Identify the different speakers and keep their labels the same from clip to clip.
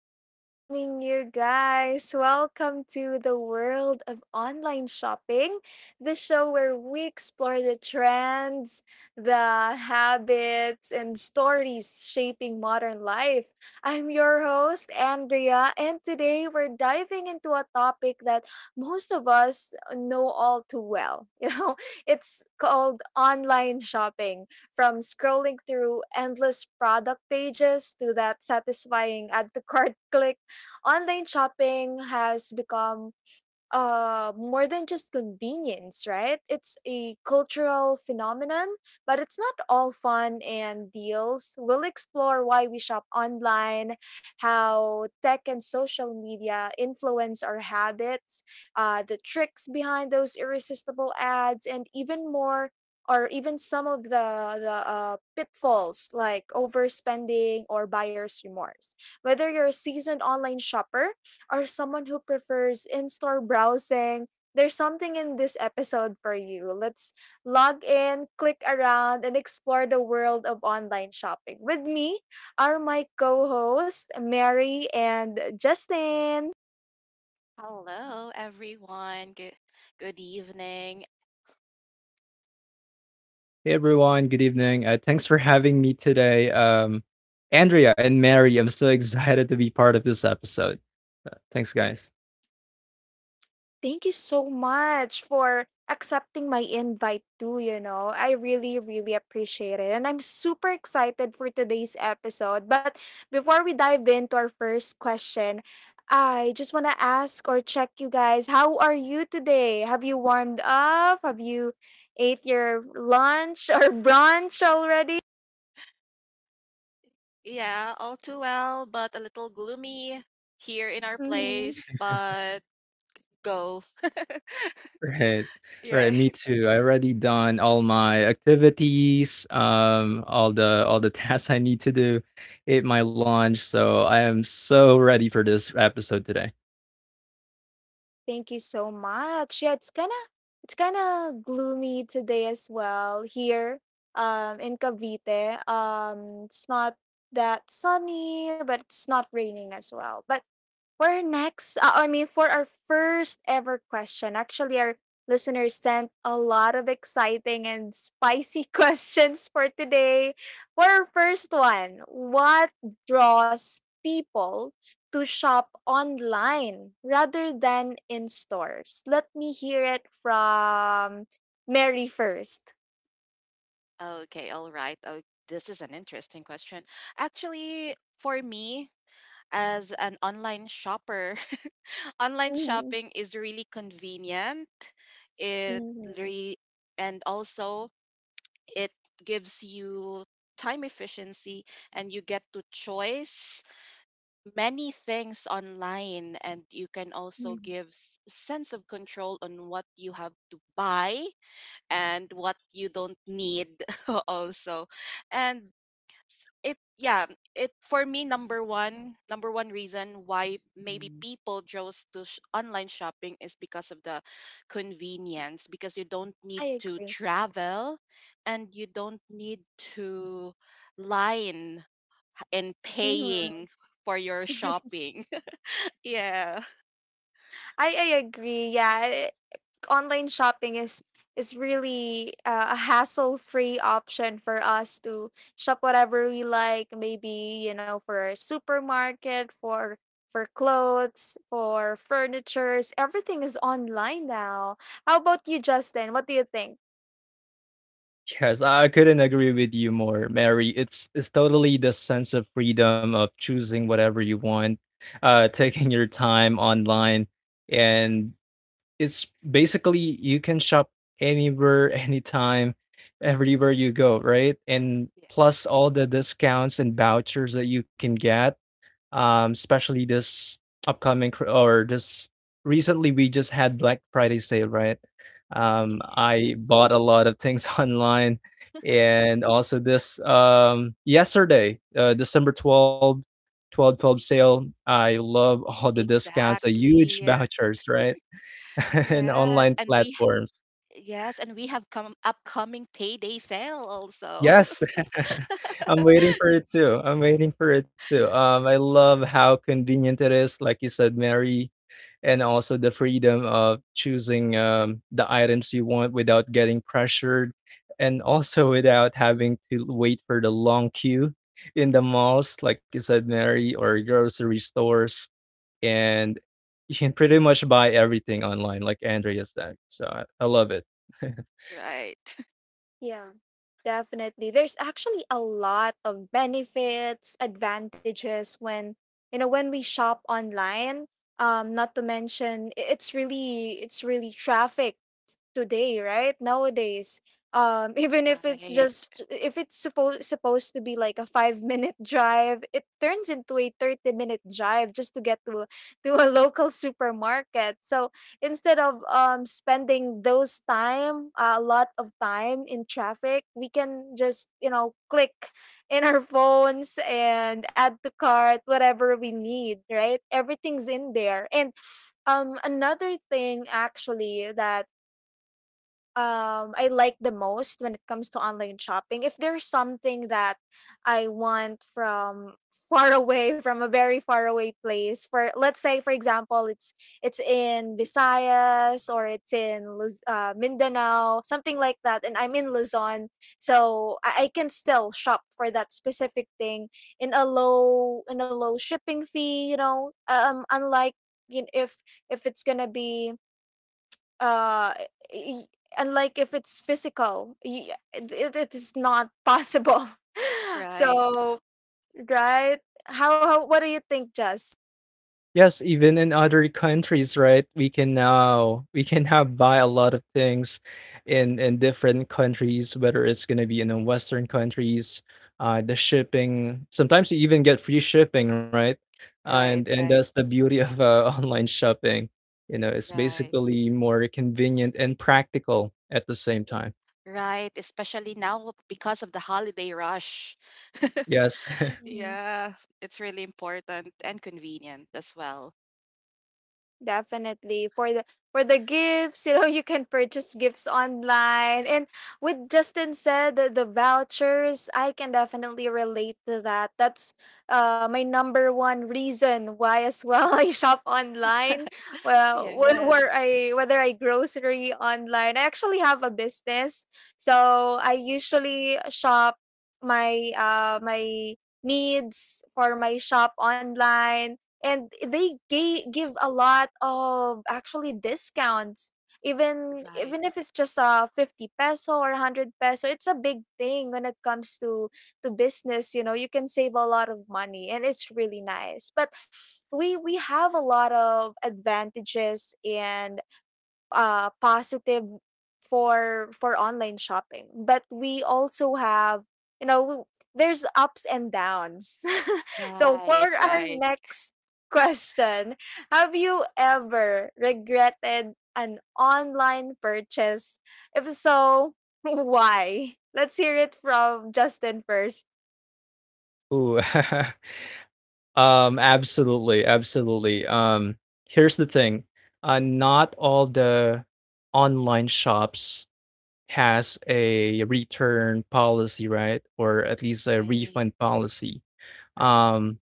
Speaker 1: Good evening, you guys. Welcome to the world of online shopping, the show where we explore the trends, the habits, and stories shaping modern life. I'm your host, Andrea, and today we're diving into a topic that most of us know all too well. It's called online shopping from scrolling through endless product pages to that satisfying add to cart click, online shopping has become more than just convenience, right? It's a cultural phenomenon, but it's not all fun and deals. We'll explore why we shop online, how tech and social media influence our habits, the tricks behind those irresistible ads, and even more. Or even some of the pitfalls like overspending or buyer's remorse. Whether you're a seasoned online shopper or someone who prefers in store browsing, there's something in this episode for you. Let's log in, click around, and explore the world of online shopping. With me are my co hosts, Mary and Justin.
Speaker 2: Hello, everyone. Good evening.
Speaker 3: Hey everyone, good evening. Thanks for having me today. Andrea and Mary, I'm so excited to be part of this episode. Thanks, guys.
Speaker 1: Thank you so much for accepting my invite too, I really, really appreciate it. And I'm super excited for today's episode. But before we dive into our first question, I just want to ask or check you guys, how are you today? Have you warmed up? Have you ate your lunch or brunch already?
Speaker 2: Yeah, all too well, but a little gloomy here in our place. But go.
Speaker 3: Right, right.
Speaker 2: Yeah.
Speaker 3: Me too. I already done all my activities, all the tasks I need to do, ate my lunch, so I am so ready for this episode today.
Speaker 1: Thank you so much. Yeah, it's kind of gloomy today as well here in Cavite. It's not that sunny, but it's not raining as well. But for our next, I mean, for our first ever question, actually, our listeners sent a lot of exciting and spicy questions for today. For our first one, what draws people to shop online rather than in stores? Let me hear it from Mary 1st.
Speaker 2: Okay, all right. Oh, this is an interesting question. Actually, for me, as an online shopper, online
Speaker 1: Mm-hmm.
Speaker 2: shopping is really convenient. It re and also, it gives you time efficiency, and you get to choice many things online, and you can also give sense of control on what you have to buy and what you don't need, also. And s- it yeah it for me, number one reason why maybe people chose to online shopping is because of the convenience, because you don't need
Speaker 1: I
Speaker 2: to
Speaker 1: agree.
Speaker 2: travel and you don't need to line and
Speaker 1: Mhm.
Speaker 2: paying for your shopping, yeah.
Speaker 1: I agree. Yeah, online shopping is really a hassle-free option for us to shop whatever we like, maybe, you know, for a supermarket, for clothes, for furnitures, everything is online now. How about you, Justin? What do you think?
Speaker 3: Yes, I couldn't agree with you more, Mary. It's totally the sense of freedom of choosing whatever you want, taking your time online, and it's basically you can shop anywhere, anytime, everywhere you go, right? And plus
Speaker 2: Yes.
Speaker 3: all the discounts and vouchers that you can get especially this upcoming cr- or this recently we just had Black Friday sale, right? I bought
Speaker 2: Yes.
Speaker 3: a lot of things online, and also this yesterday, December 12th, 12, 12, sale. I love all the discounts, the huge
Speaker 2: Exactly.
Speaker 3: vouchers, right, and
Speaker 2: Yes.
Speaker 3: online
Speaker 2: And we
Speaker 3: platforms.
Speaker 2: yes, and we have come upcoming payday sale also.
Speaker 3: Yes, I'm waiting for it too. I'm waiting for it too. I love how convenient it is, like you said, Mary, and also the freedom of choosing the items you want without getting pressured, and also without having to wait for the long queue in the malls, like you said, Mary, or grocery stores, and you can pretty much buy everything online, like Andrea said. So I love it.
Speaker 2: Right.
Speaker 1: Yeah, definitely, there's actually a lot of benefits, advantages when, you know, when we shop online. Not to mention, it's really traffic today, right? Nowadays, even if it's
Speaker 2: Right.
Speaker 1: just, if it's supposed to be like a 5 minute drive, it turns into a 30 minute drive just to get to to a local supermarket. So instead of spending those time, a lot of time in traffic, we can just, you know, click in our phones and add to cart whatever we need. Right, everything's in there, and another thing actually that I like the most when it comes to online shopping. If there's something that I want from far away, from a very far away place, for, let's say for example, it's in Visayas, or it's in Mindanao, something like that, and I'm in Luzon, so I can still shop for that specific thing in a low, in a low shipping fee. You know, unlike, you know, if it's gonna be uh y- and, like, if it's physical, it, it is not possible.
Speaker 2: Right.
Speaker 1: So right. How, what do you think, Jess?
Speaker 3: Yes, even in other countries, right? We can now buy a lot of things in different countries, whether it's gonna be in the Western countries, the shipping. Sometimes you even get free shipping, right? and
Speaker 2: Right.
Speaker 3: and that's
Speaker 2: Right.
Speaker 3: the beauty of online shopping. You know, it's
Speaker 2: Right.
Speaker 3: basically more convenient and practical at the same time.
Speaker 2: Right. Especially now because of the holiday rush.
Speaker 3: Yes.
Speaker 1: Mm-hmm.
Speaker 2: Yeah, it's really important and convenient as well.
Speaker 1: Definitely. For the gifts, you know, you can purchase gifts online. And with Justin said, the vouchers, I can definitely relate to that. That's my number one reason why as well, I shop online. Well, where
Speaker 2: Yes.
Speaker 1: I whether I grocery online. I actually have a business. So I usually shop my my needs for my shop online, and they give a lot of, actually, discounts. Even
Speaker 2: Right.
Speaker 1: even if it's just a 50 peso or 100 peso, it's a big thing when it comes to business. You know, you can save a lot of money and it's really nice. But we have a lot of advantages and positive for online shopping, but we also have, you know, there's ups and downs. So
Speaker 2: Right.
Speaker 1: for our
Speaker 2: Right.
Speaker 1: next question, have you ever regretted an online purchase? If so, why? Let's hear it from Justin first.
Speaker 3: Ooh. Absolutely, absolutely. Here's the thing. Not all the online shops has a return policy, right? Or at least a
Speaker 2: Right.
Speaker 3: refund policy.
Speaker 2: Right.
Speaker 3: Um,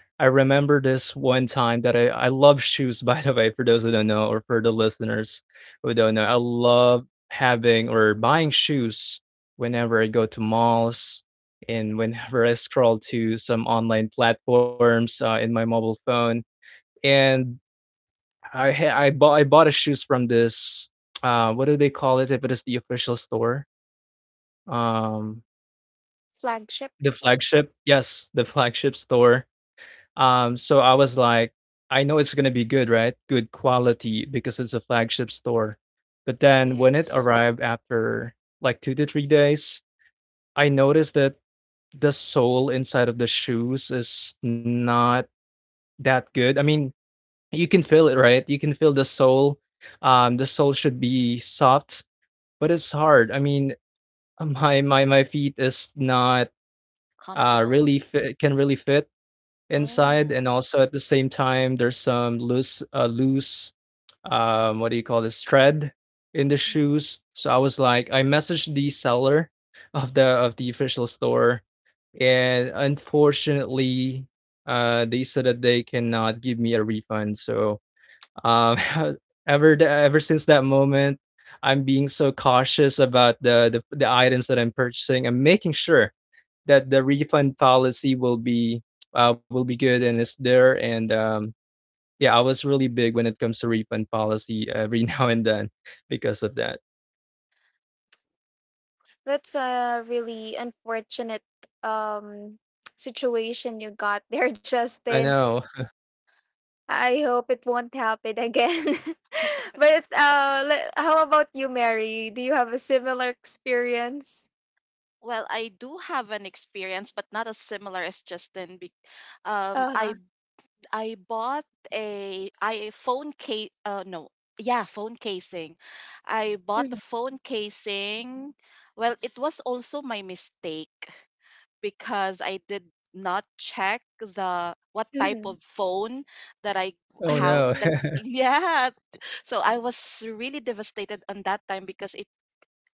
Speaker 3: I remember this one time that I love shoes, by the way, for those who don't know or for the listeners who don't know. I love having or buying shoes whenever I go to malls and whenever I scroll to some online platforms in my mobile phone. And I bought a shoes from this what do they call it if it is the official store? Um
Speaker 1: Flagship.
Speaker 3: The flagship, yes, the flagship store. So I was like, "I know it's gonna be good, right? Good quality because it's a flagship store." But then when it
Speaker 2: Yes.
Speaker 3: arrived after, like, 2 to 3 days, I noticed that the sole inside of the shoes is not that good. I mean, you can feel it, right? You can feel the sole. The sole should be soft, but it's hard. I mean, my feet is not
Speaker 2: Comfortable.
Speaker 3: can really fit inside, and
Speaker 2: Oh.
Speaker 3: also at the same time, there's some loose, what do you call this, thread in the
Speaker 2: Mm.
Speaker 3: shoes. So I was like, I messaged the seller of the official store, and unfortunately, they said that they cannot give me a refund. So um, ever since that moment. I'm being so cautious about the items that I'm purchasing. I'm making sure that the refund policy will be good and is there. And yeah, I was really big when it comes to refund policy every now and then because of that.
Speaker 1: That's a really unfortunate um situation you got there,
Speaker 3: I
Speaker 1: Justin.
Speaker 3: know.
Speaker 1: I hope it won't happen again. But how about you, Mary? Do you have a similar experience?
Speaker 2: Well, I do have an experience, but not as similar as Justin. Um,
Speaker 1: Uh huh.
Speaker 2: I I bought a I phone case. No, yeah, phone casing. I bought a
Speaker 1: Mm-hmm.
Speaker 2: phone casing. Well, it was also my mistake because I did not check the what type
Speaker 1: Mm-hmm.
Speaker 2: of phone that I
Speaker 3: Oh
Speaker 2: how
Speaker 3: no.
Speaker 2: that yeah. So I was really devastated on that time, because it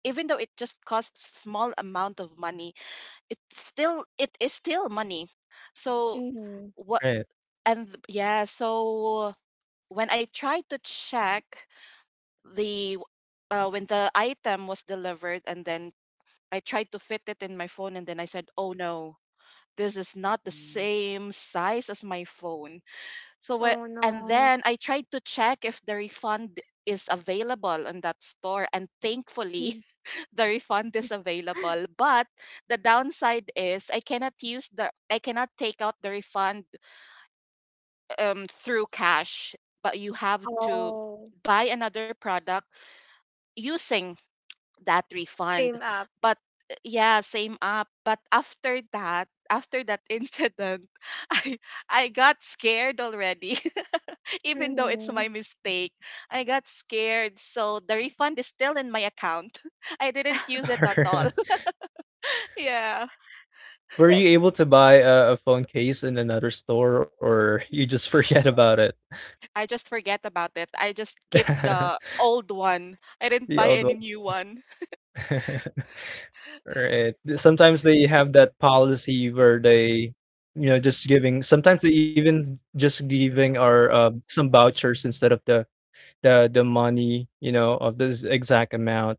Speaker 2: even though it just costs small amount of money, it is still money. so
Speaker 1: Mm-hmm.
Speaker 2: what
Speaker 3: Right.
Speaker 2: and th- yeah so when I tried to check the when the item was delivered, and then I tried to fit it in my phone, and then I said, "Oh no, this is not the
Speaker 1: Mm.
Speaker 2: same size as my phone." So
Speaker 1: Oh
Speaker 2: and
Speaker 1: no.
Speaker 2: then I tried to check if the refund is available on that store, and thankfully
Speaker 1: Mhm.
Speaker 2: the refund is available, but the downside is, I cannot take out the refund, through cash, but you have to
Speaker 1: Oh,
Speaker 2: buy another product using that refund.
Speaker 1: same app.
Speaker 2: But yeah, same up. But after that incident, i I got scared already. Even though it's
Speaker 1: Mm-hmm.
Speaker 2: my mistake, I got scared, so the refund is still in my account. I didn't use it at all. Yeah.
Speaker 3: Were you
Speaker 1: That, being
Speaker 3: able to buy a phone case in another store or you just forget about it?
Speaker 2: I just forget about it. I just keep the old one. I didn't
Speaker 3: The
Speaker 2: buy
Speaker 3: old
Speaker 2: any
Speaker 3: one.
Speaker 2: new one.
Speaker 3: Right. Sometimes they have that policy where they, you know, just giving, sometimes they even just giving our some vouchers instead of the money, you know, of this exact amount,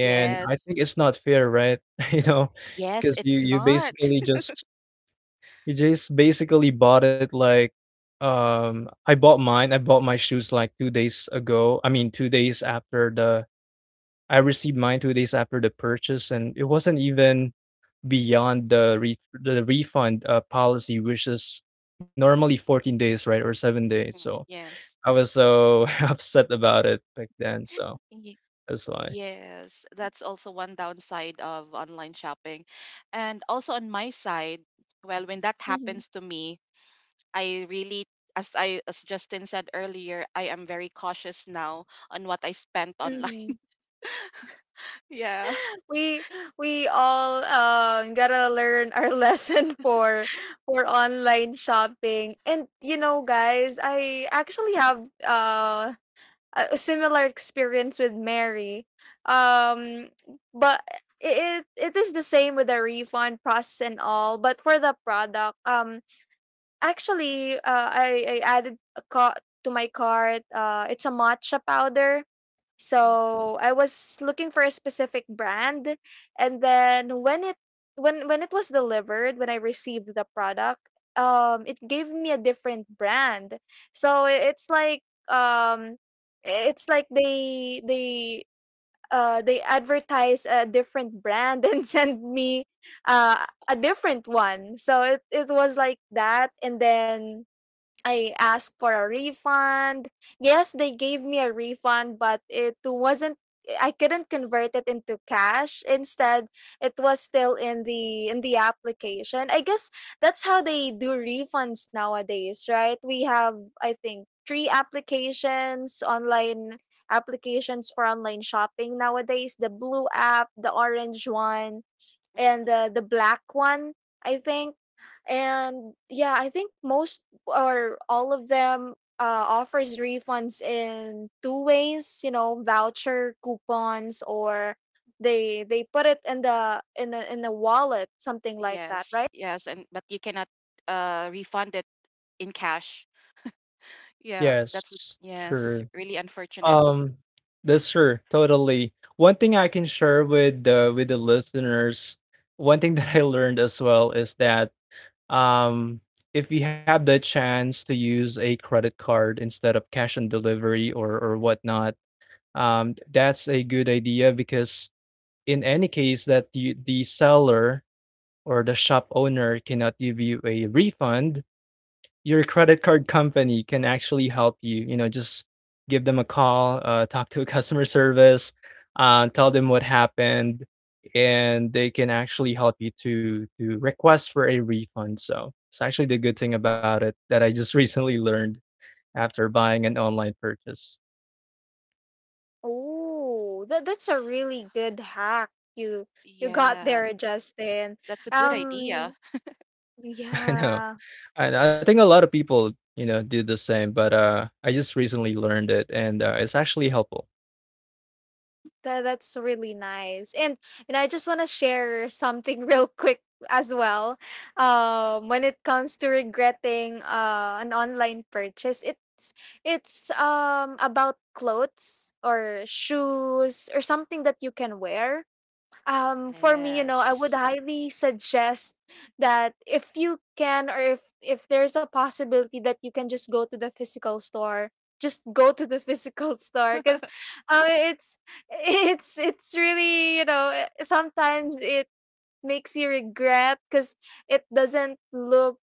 Speaker 3: and I
Speaker 2: Yes.
Speaker 3: think it's not fair, right? You know
Speaker 2: Yes,
Speaker 3: because you
Speaker 2: it's
Speaker 3: you
Speaker 2: not.
Speaker 3: basically just you just basically bought it like, I bought my shoes, like, 2 days ago. I mean, 2 days after the I received mine 2 days after the purchase, and it wasn't even beyond the refund, policy, which is normally 14 days, right, or 7 days,
Speaker 2: Mm,
Speaker 3: so
Speaker 2: yes.
Speaker 3: I was so upset about it back then, so
Speaker 2: Ye-
Speaker 3: That's why.
Speaker 2: Yes, that's also one downside of online shopping. And also on my side, well, when that
Speaker 1: able.
Speaker 2: happens to me, I really, as Justin said earlier, I am very cautious now on what I spent online.
Speaker 1: Mm-hmm.
Speaker 2: Yeah.
Speaker 1: we we all gotta learn our lesson for online shopping. And you know, guys, I actually have a similar experience with Mary. um but it is the same with the refund process and all, but for the product. Actually, I added a co to my cart, it's a matcha powder.
Speaker 2: Mhm,
Speaker 1: So I was looking for a specific brand, and then when it, when it was delivered, when I received the product, it gave me a different brand. So it's like, um, it's like they they advertise a different brand and send me a different one. So it was like that. And then I asked for a refund. Yes, they gave me a refund, but it wasn't, I couldn't convert it into cash. Instead, it was still in the application. I guess that's how they do refunds nowadays, right? We have, I think, three applications, online applications for online shopping nowadays, the blue app, the orange one,
Speaker 2: mhm,
Speaker 1: and the black one, I
Speaker 2: mhm.
Speaker 1: think. And yeah, I think most or all of them offers refunds in two ways. You know, voucher coupons, or they put it in the in the in the wallet, something like that,
Speaker 2: Yes,
Speaker 1: right?
Speaker 2: yes, and but you cannot refund it in cash. Yeah, that's
Speaker 3: Yes,
Speaker 2: yes,
Speaker 3: true.
Speaker 2: really unfortunate.
Speaker 3: Um, that's true. Totally. One thing I can share with the listeners, one thing that I learned as well is that um, if you have the chance to use a credit card instead of cash on delivery or whatnot, that's a good idea because in any case that the seller or the shop owner cannot give you a refund, your credit card company can actually help you. You know, just give them a call, talk to a customer service, tell them what happened, and they can actually help you to request for a refund. So it's actually the good thing about it that I just recently learned after buying an online purchase.
Speaker 1: Oh, that that's a really good hack. You you got
Speaker 2: Yeah,
Speaker 1: there, Justin.
Speaker 2: that's a good idea.
Speaker 1: Um,
Speaker 3: I
Speaker 1: yeah.
Speaker 3: know, and I think a lot of people you know do the same, but I just recently learned it, and it's actually helpful.
Speaker 1: That that's really nice. And I just wanna share something real quick as well. When it comes to regretting an online purchase, it's about clothes or shoes or something that you can wear. For me, you know, I would
Speaker 2: Yes.
Speaker 1: highly suggest that if you can, or if there's a possibility that you can, just go to the physical store, just go to the physical store. Because uh, it's it's really, you know, sometimes it makes you regret because it doesn't look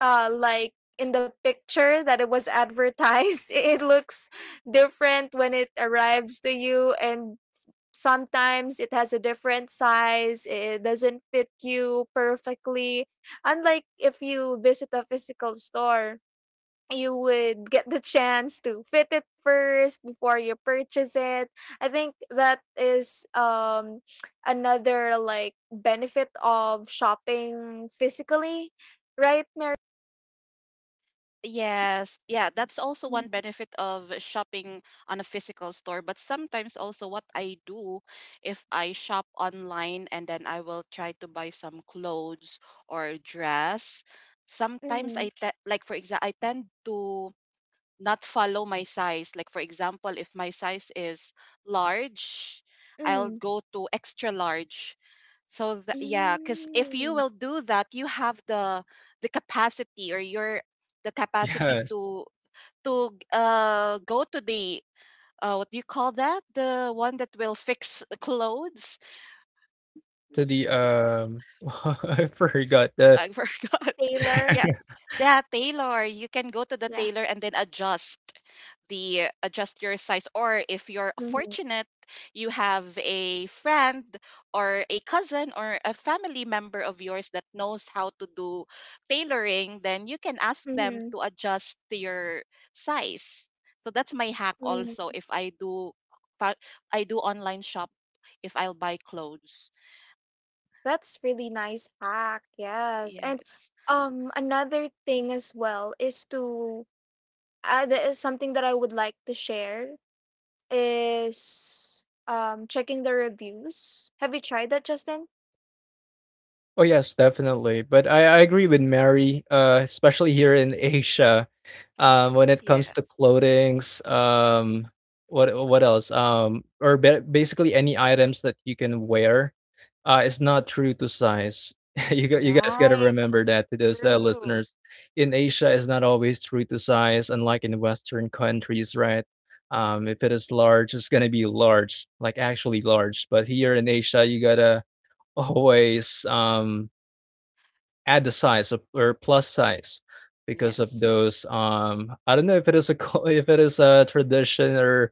Speaker 1: like in the picture that it was advertised. It looks different when it arrives to you, and sometimes it has a different size, it doesn't fit you perfectly. Unlike if you visit a physical store, you would get the chance to fit it first before you purchase it. I think that is another like benefit of shopping physically, right, Mary?
Speaker 2: Yes, yeah, that's also one benefit of shopping on a physical store. But sometimes also what I do, if I shop online and then I will try to buy some clothes or dress, sometimes
Speaker 1: Mm-hmm.
Speaker 2: I te like, for example, I tend to not follow my size. Like, for example, if my size is large, I'll
Speaker 1: Mm-hmm.
Speaker 2: go to extra large. So that, yeah, because if you
Speaker 1: Mm.
Speaker 2: will do that, you have the capacity, or your the capacity
Speaker 3: Yes,
Speaker 2: to go to the, what do you call that? The one that will fix clothes.
Speaker 3: to the I forgot the
Speaker 2: I forgot.
Speaker 1: Taylor.
Speaker 2: Yeah. The tailor, you can go to the
Speaker 1: Yeah.
Speaker 2: tailor and then adjust the adjust your size. Or if you're
Speaker 1: Mm-hmm.
Speaker 2: fortunate, you have a friend or a cousin or a family member of yours that knows how to do tailoring, then you can ask them
Speaker 1: Mm-hmm.
Speaker 2: to adjust to your size. So that's my hack also,
Speaker 1: Mm-hmm.
Speaker 2: if I do fa- I do online shop, if I'll buy clothes.
Speaker 1: That's really nice hack. Yes. And
Speaker 2: Yes.
Speaker 1: another thing as well is to that is something that I would like to share is checking the reviews. Have you tried that, Justin?
Speaker 3: Oh yes, definitely. But I agree with Mary, especially here in Asia, when it comes to
Speaker 2: Yes.
Speaker 3: clothings, what else? Basically any items that you can wear, is not true to size. You guys gotta
Speaker 2: Right.
Speaker 3: remember that to those
Speaker 2: True.
Speaker 3: listeners. In Asia, it's not always true to size, unlike in Western countries, right? If it is large, it's gonna be large, like actually large. But here in Asia, you gotta always add the size of, or plus size because of
Speaker 2: Yes.
Speaker 3: those, I don't know if it is a co if it is a tradition or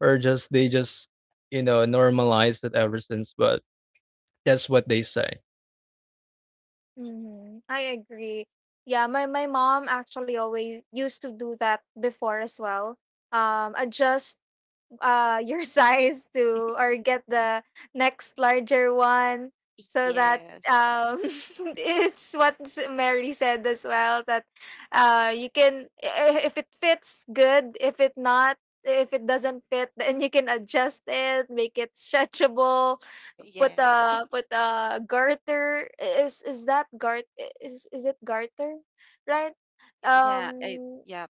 Speaker 3: or just they just, you know, normalized it ever since, but that's what they say.
Speaker 1: Mm-hmm. I agree. Yeah, my mom actually always used to do that before as well. Adjust your size to, or get the next larger one, so that
Speaker 2: Yes.
Speaker 1: um it's what Mary said as well, that you can, if it fits good, if it not, if it doesn't fit, then you can adjust it, make it stretchable,
Speaker 2: Yeah.
Speaker 1: put a put a garter. Is that is it garter, right?
Speaker 2: Yeah. I,
Speaker 1: um
Speaker 2: yeah.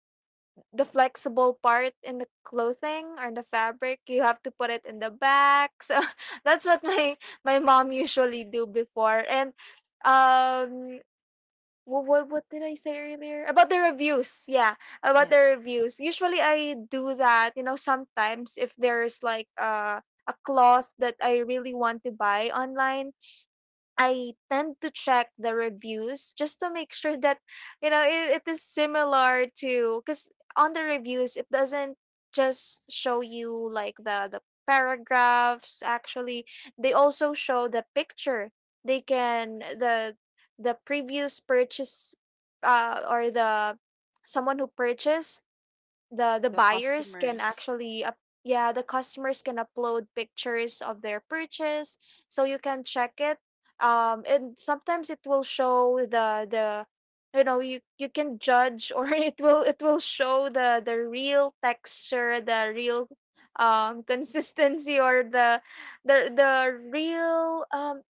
Speaker 1: the flexible part in the clothing or the fabric, you have to put it in the back. So that's what my mom usually do before. And um what did I say earlier about the reviews? Yeah, about the
Speaker 2: Yeah.
Speaker 1: reviews. Usually I do that, you know, sometimes if there's like, a cloth that I really want to buy online, I tend to check the reviews just to make sure that, you know, it is similar to, because on the reviews it doesn't just show you like the paragraphs. Actually they also show the picture. They can the previous purchase, or the, someone who purchased, the
Speaker 2: The
Speaker 1: buyers can
Speaker 2: customers.
Speaker 1: actually yeah, the customers can upload pictures of their purchase, so you can check it. And sometimes it will show the, you know, you can judge, or it will show the real texture, the real consistency, or the real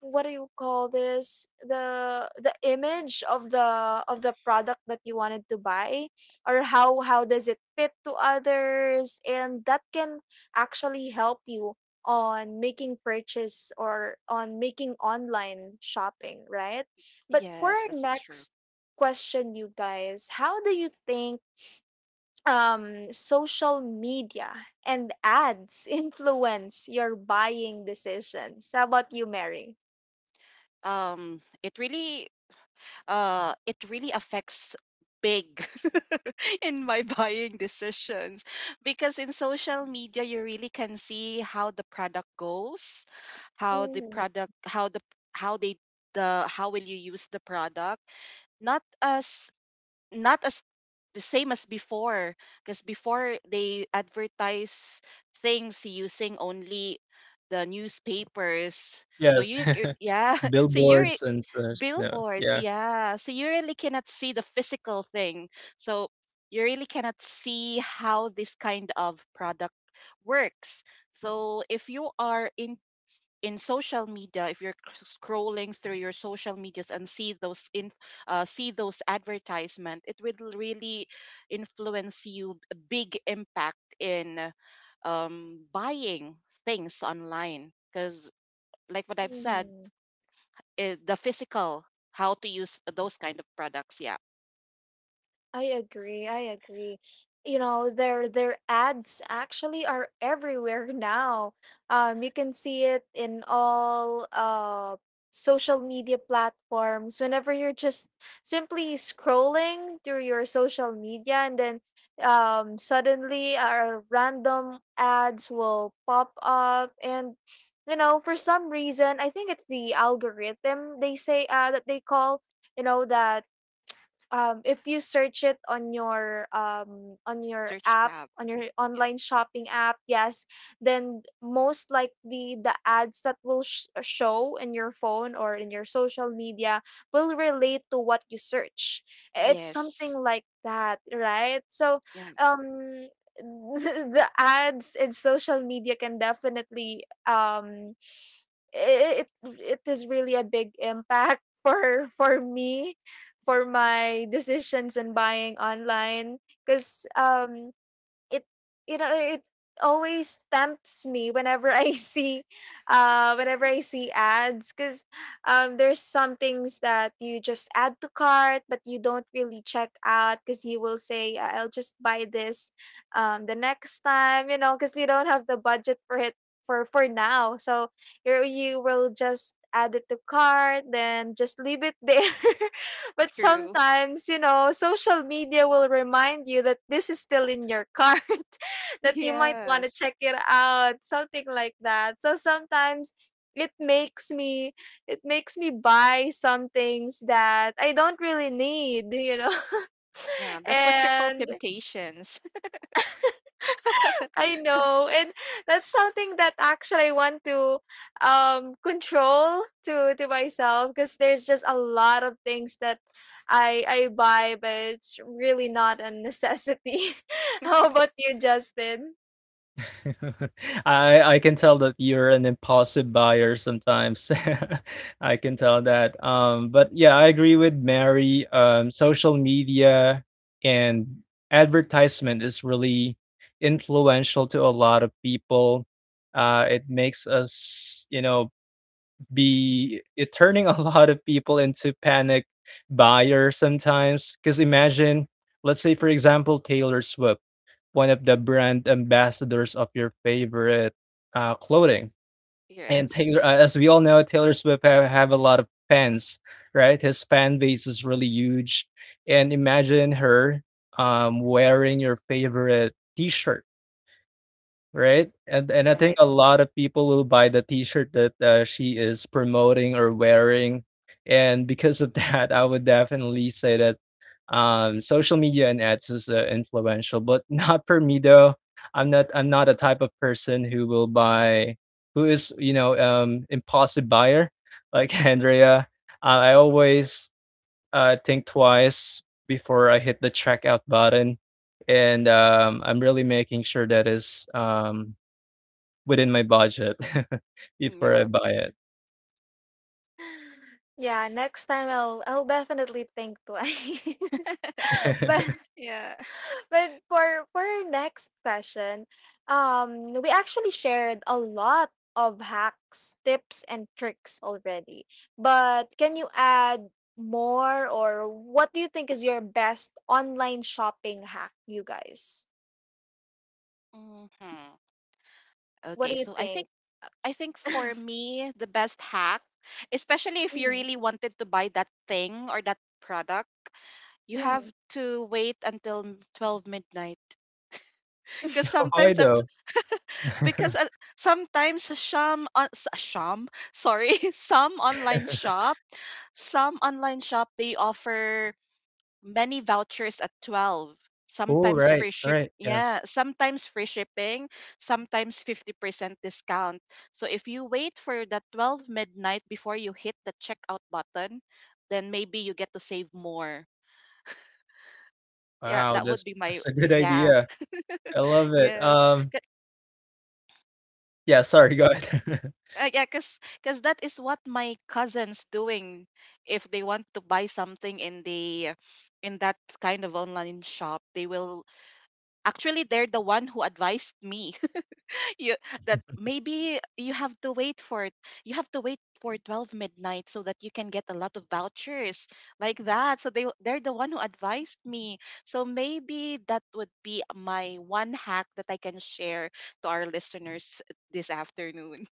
Speaker 1: what do you call this, the image of the product that you wanted to buy, or how does it fit to others. And that can actually help you on making purchase, or on making online shopping, right? But for
Speaker 2: Yes,
Speaker 1: our
Speaker 2: that's true.
Speaker 1: next question, you guys, how do you think social media and ads influence your buying decisions? How About you, Mary?
Speaker 2: Um, it really, it really affects big, in my buying decisions, because in social media you really can see how the product goes, how the product, how the how they the how will you use the product, not as not as the same as before, because before they advertise things using only the newspapers, so
Speaker 3: Yes.
Speaker 2: yeah, so you're
Speaker 3: Billboards and such, yeah.
Speaker 2: billboards,
Speaker 3: Yeah.
Speaker 2: yeah, so you really cannot see the physical thing, so you really cannot see how this kind of product works. So if you are in social media, if you're scrolling through your social medias and see those in see those advertisement, it will really influence you, a big impact in, buying things online, because like what I've said,
Speaker 1: Mhm.
Speaker 2: the physical how to use those kind of products, yeah.
Speaker 1: I agree, I agree. You know, their ads actually are everywhere now. You can see it in all social media platforms. Whenever you're just simply scrolling through your social media, and then suddenly our random ads will pop up, and you know, for some reason, I think it's the algorithm they say, that they call, you know, that if you search it on your
Speaker 2: Search
Speaker 1: app,
Speaker 2: tab.
Speaker 1: on your
Speaker 2: Yeah.
Speaker 1: online shopping app. Yes, then most likely the ads that will show in your phone or in your social media will relate to what you search. It's
Speaker 2: Yes,
Speaker 1: something like that, right? So
Speaker 2: yeah.
Speaker 1: um the ads in social media can definitely it is really a big impact for me, for my decisions in buying online. Because it, you know, it always tempts me whenever I see, whenever I see ads. Because there's some things that you just add to cart but you don't really check out, because you will say, "I- I'll just buy this the next time, you know, because you don't have the budget for it for now." So you will just add it to cart then just leave it there. But
Speaker 2: True.
Speaker 1: sometimes, you know, social media will remind you that this is still in your cart, that you might want to
Speaker 2: Yes.
Speaker 1: check it out, something like that. So sometimes it makes me it makes me buy some things that I don't really need, you know.
Speaker 2: Yeah. That's what you call
Speaker 1: And
Speaker 2: temptations.
Speaker 1: I know, and that's something that actually I want to control, to myself, because there's just a lot of things that I buy, but it's really not a necessity. How about you, Justin?
Speaker 3: I can tell that you're an impulsive buyer sometimes. I can tell that. But yeah, I agree with Mary. Social media and advertisement is really influential to a lot of people. It makes us, you know, be it turning a lot of people into panic buyers sometimes. Because imagine, let's say, for example, Taylor Swift, one of the brand ambassadors of your favorite clothing. And
Speaker 2: Yes.
Speaker 3: Taylor, as we all know, Taylor Swift have a lot of fans, right? His fan base is really huge. And imagine her wearing your favorite T-shirt, right? And I think
Speaker 2: Right.
Speaker 3: a lot of people will buy the T-shirt that, she is promoting or wearing, and because of that, I would definitely say that, social media and ads is influential, but not for me, though. I'm not a type of person who will buy who is, you know, impulsive buyer like Andrea. I always think twice before I hit the checkout button, and, I'm really making sure that is, within my budget before I
Speaker 2: Yeah.
Speaker 3: buy
Speaker 1: Yeah, next time I'll definitely think twice. But.
Speaker 3: it.
Speaker 2: yeah.
Speaker 1: But for our next question, we actually shared a lot of hacks, tips, and tricks already. But can you add more, or what do you think is your best online shopping hack, you guys?
Speaker 2: Mm-hmm.
Speaker 1: What
Speaker 2: Okay,
Speaker 1: do you
Speaker 2: so I
Speaker 1: think?
Speaker 2: think I think for me the best hack, especially if you
Speaker 1: Mhm,
Speaker 2: really wanted to buy that thing or that product, you have
Speaker 1: mhm.
Speaker 2: to wait until 12 midnight. Because
Speaker 3: Why
Speaker 2: sometimes at,
Speaker 3: though.
Speaker 2: because at, sometimes some on s- sham sorry some online shop they offer many vouchers at 12,
Speaker 3: Oh,
Speaker 2: sometimes
Speaker 3: right,
Speaker 2: free ship
Speaker 3: right, yes.
Speaker 2: yeah, sometimes free shipping, sometimes 50% discount. So if you wait for the 12 midnight before you hit the checkout button, then maybe you get to save more. Yeah,
Speaker 3: Wow,
Speaker 2: that would be my,
Speaker 3: that's a good
Speaker 2: yeah.
Speaker 3: idea. I love it.
Speaker 2: Yes. C-
Speaker 3: Yeah, sorry, go ahead.
Speaker 2: yeah, because that is what my cousins doing. If they want to buy something in that kind of online shop, they will actually they're the one who advised me, you that maybe you have to wait for it. You have to wait for 12 midnight so that you can get a lot of vouchers, like that, so they're the one who advised me, so maybe that would be my one hack that I can share to our listeners this afternoon.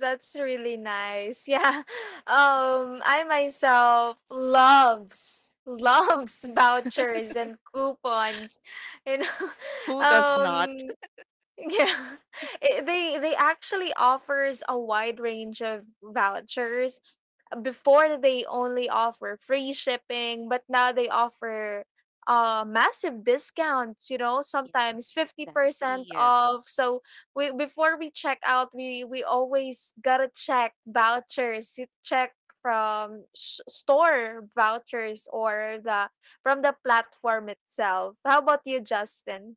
Speaker 1: That's really nice. Yeah. I myself loves loves vouchers and coupons. You know.
Speaker 2: Who does not?
Speaker 1: Um yeah. Eh, they actually offers a wide range of vouchers. Before they only offer free shipping, but now they offer massive discounts, you know,
Speaker 2: Yes,
Speaker 1: sometimes
Speaker 2: exactly.
Speaker 1: 50%
Speaker 2: Yes.
Speaker 1: off. So we, before we check out, we always got to check vouchers. You check from s store vouchers or the from the platform itself. How about you, Justin?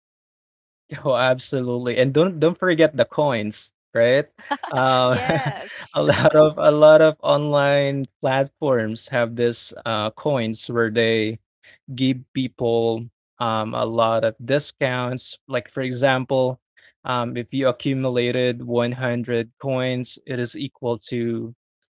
Speaker 3: Oh, absolutely, and don't forget the coins, right? Uh, a lot of online platforms have this, coins where they give people a lot of discounts. Like, for example, if you accumulated 100 coins, it is equal to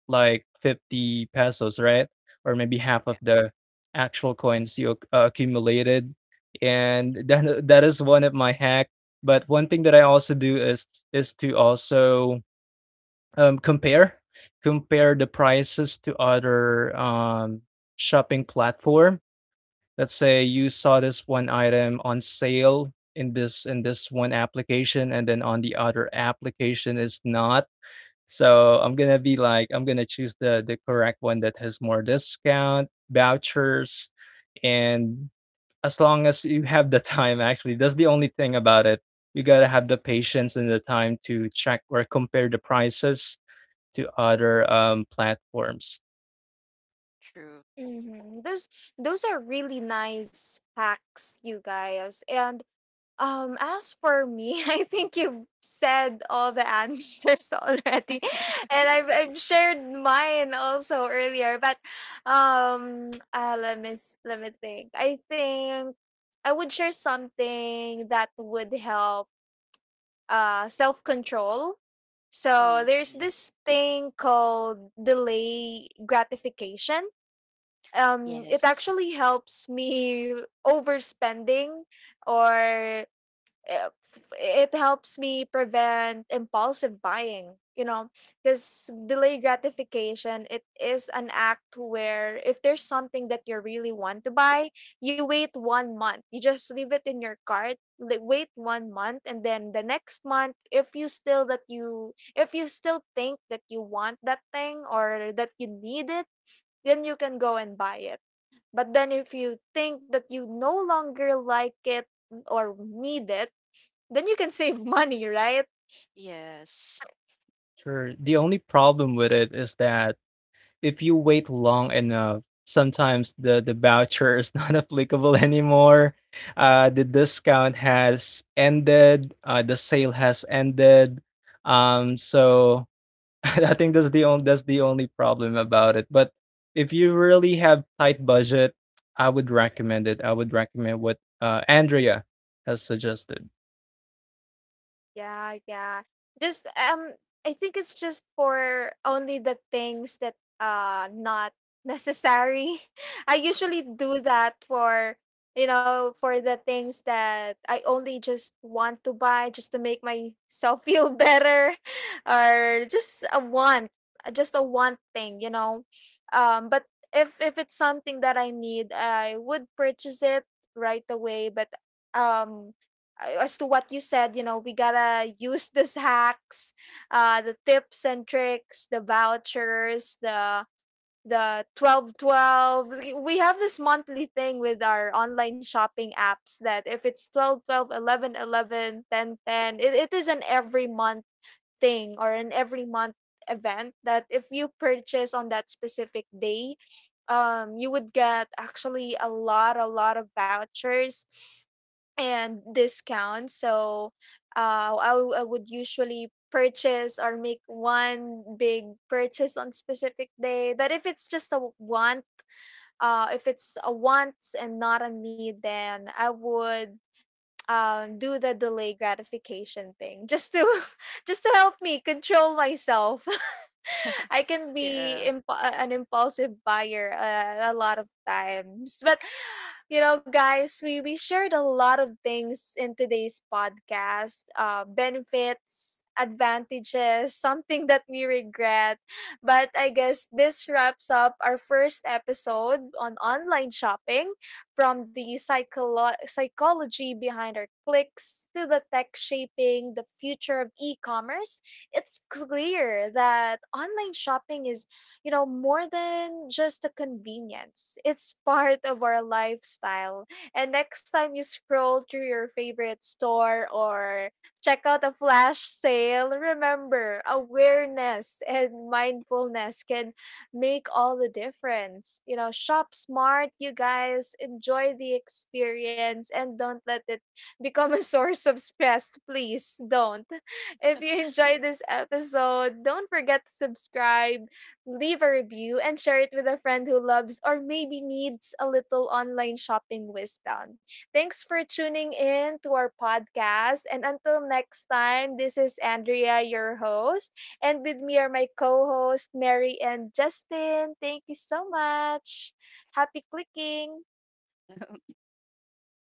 Speaker 3: like 50 pesos, right? Or maybe half
Speaker 2: Yeah,
Speaker 3: of the actual coins you accumulated. And that is one of my hack. But one thing that I also do is to also um, compare compare the prices to other shopping platform, let's say you saw this one item on sale in this one application and then on the other application is not, so I'm gonna be like I'm gonna choose the correct one that has more discount vouchers, and as long as you have the time, actually that's the only thing about it, you gotta have the patience and the time to check or compare the prices to other platforms.
Speaker 2: true.
Speaker 1: Hmm. Those are really nice hacks, you guys. And as for me, I think you've said all the answers already, and I've shared mine also earlier. But let me let me think. I think I would share something that would help self control. So there's
Speaker 2: Mhm.
Speaker 1: this thing called delay gratification. It
Speaker 2: Yes.
Speaker 1: actually helps me overspending, or it helps me prevent impulsive buying, you know. Because delay gratification, it is an act where if there's something that you really want to buy, you wait 1 month. You just leave it in your cart, wait 1 month, and then the next month, if you still that you if you still think that you want that thing or that you need it, then you can go and buy it. But then if you think that you no longer like it or need it, then you can save money, right?
Speaker 2: Yes,
Speaker 3: Sure, the only problem with it is that if you wait long enough, sometimes the voucher is not applicable anymore. The discount has ended. The sale has ended. So I think that's the only problem about it. But if you really have tight budget, I would recommend it. I would recommend what Andrea has suggested.
Speaker 1: Yeah, yeah. Just I think it's just for only the things that not necessary. I usually do that for, you know, for the things that I only just want to buy just to make myself feel better, or just a want thing, you know. But if it's something that I need, I would purchase it right away. But um as to what you said, you know, we gotta use the hacks, the tips and tricks, the vouchers, the 12 12. We have this monthly thing with our online shopping apps that if it's 12 12, 11 11, 10 10, it is an every month thing, or an every month event, that if you purchase on that specific day, you would get actually a lot of vouchers and discounts. So I, I would usually purchase or make one big purchase on specific day. But if it's just a want, if it's a wants and not a need, then I would do the delay gratification thing just to just to help me control myself. I can be
Speaker 2: yeah.
Speaker 1: an impulsive buyer, a lot of times. But you know, guys, we shared a lot of things in today's podcast: benefits, advantages, something that we regret. But I guess this wraps up our first episode on online shopping. From the psychology behind our clicks to the tech shaping the future of e-commerce, it's clear that online shopping is, you know, more than just a convenience. It's part of our lifestyle. And next time you scroll through your favorite store or check out a flash sale, remember, awareness and mindfulness can make all the difference. You know, shop smart, you guys. Enjoy the experience, and don't let it become a source of stress. Please don't. If you enjoyed this episode, don't forget to subscribe, leave a review, and share it with a friend who loves or maybe needs a little online shopping wisdom. Thanks for tuning in to our podcast. And until next time, this is Andrea, your host. And with me are my co hosts, Mary and Justin. Thank you so much. Happy clicking.
Speaker 2: Thank you.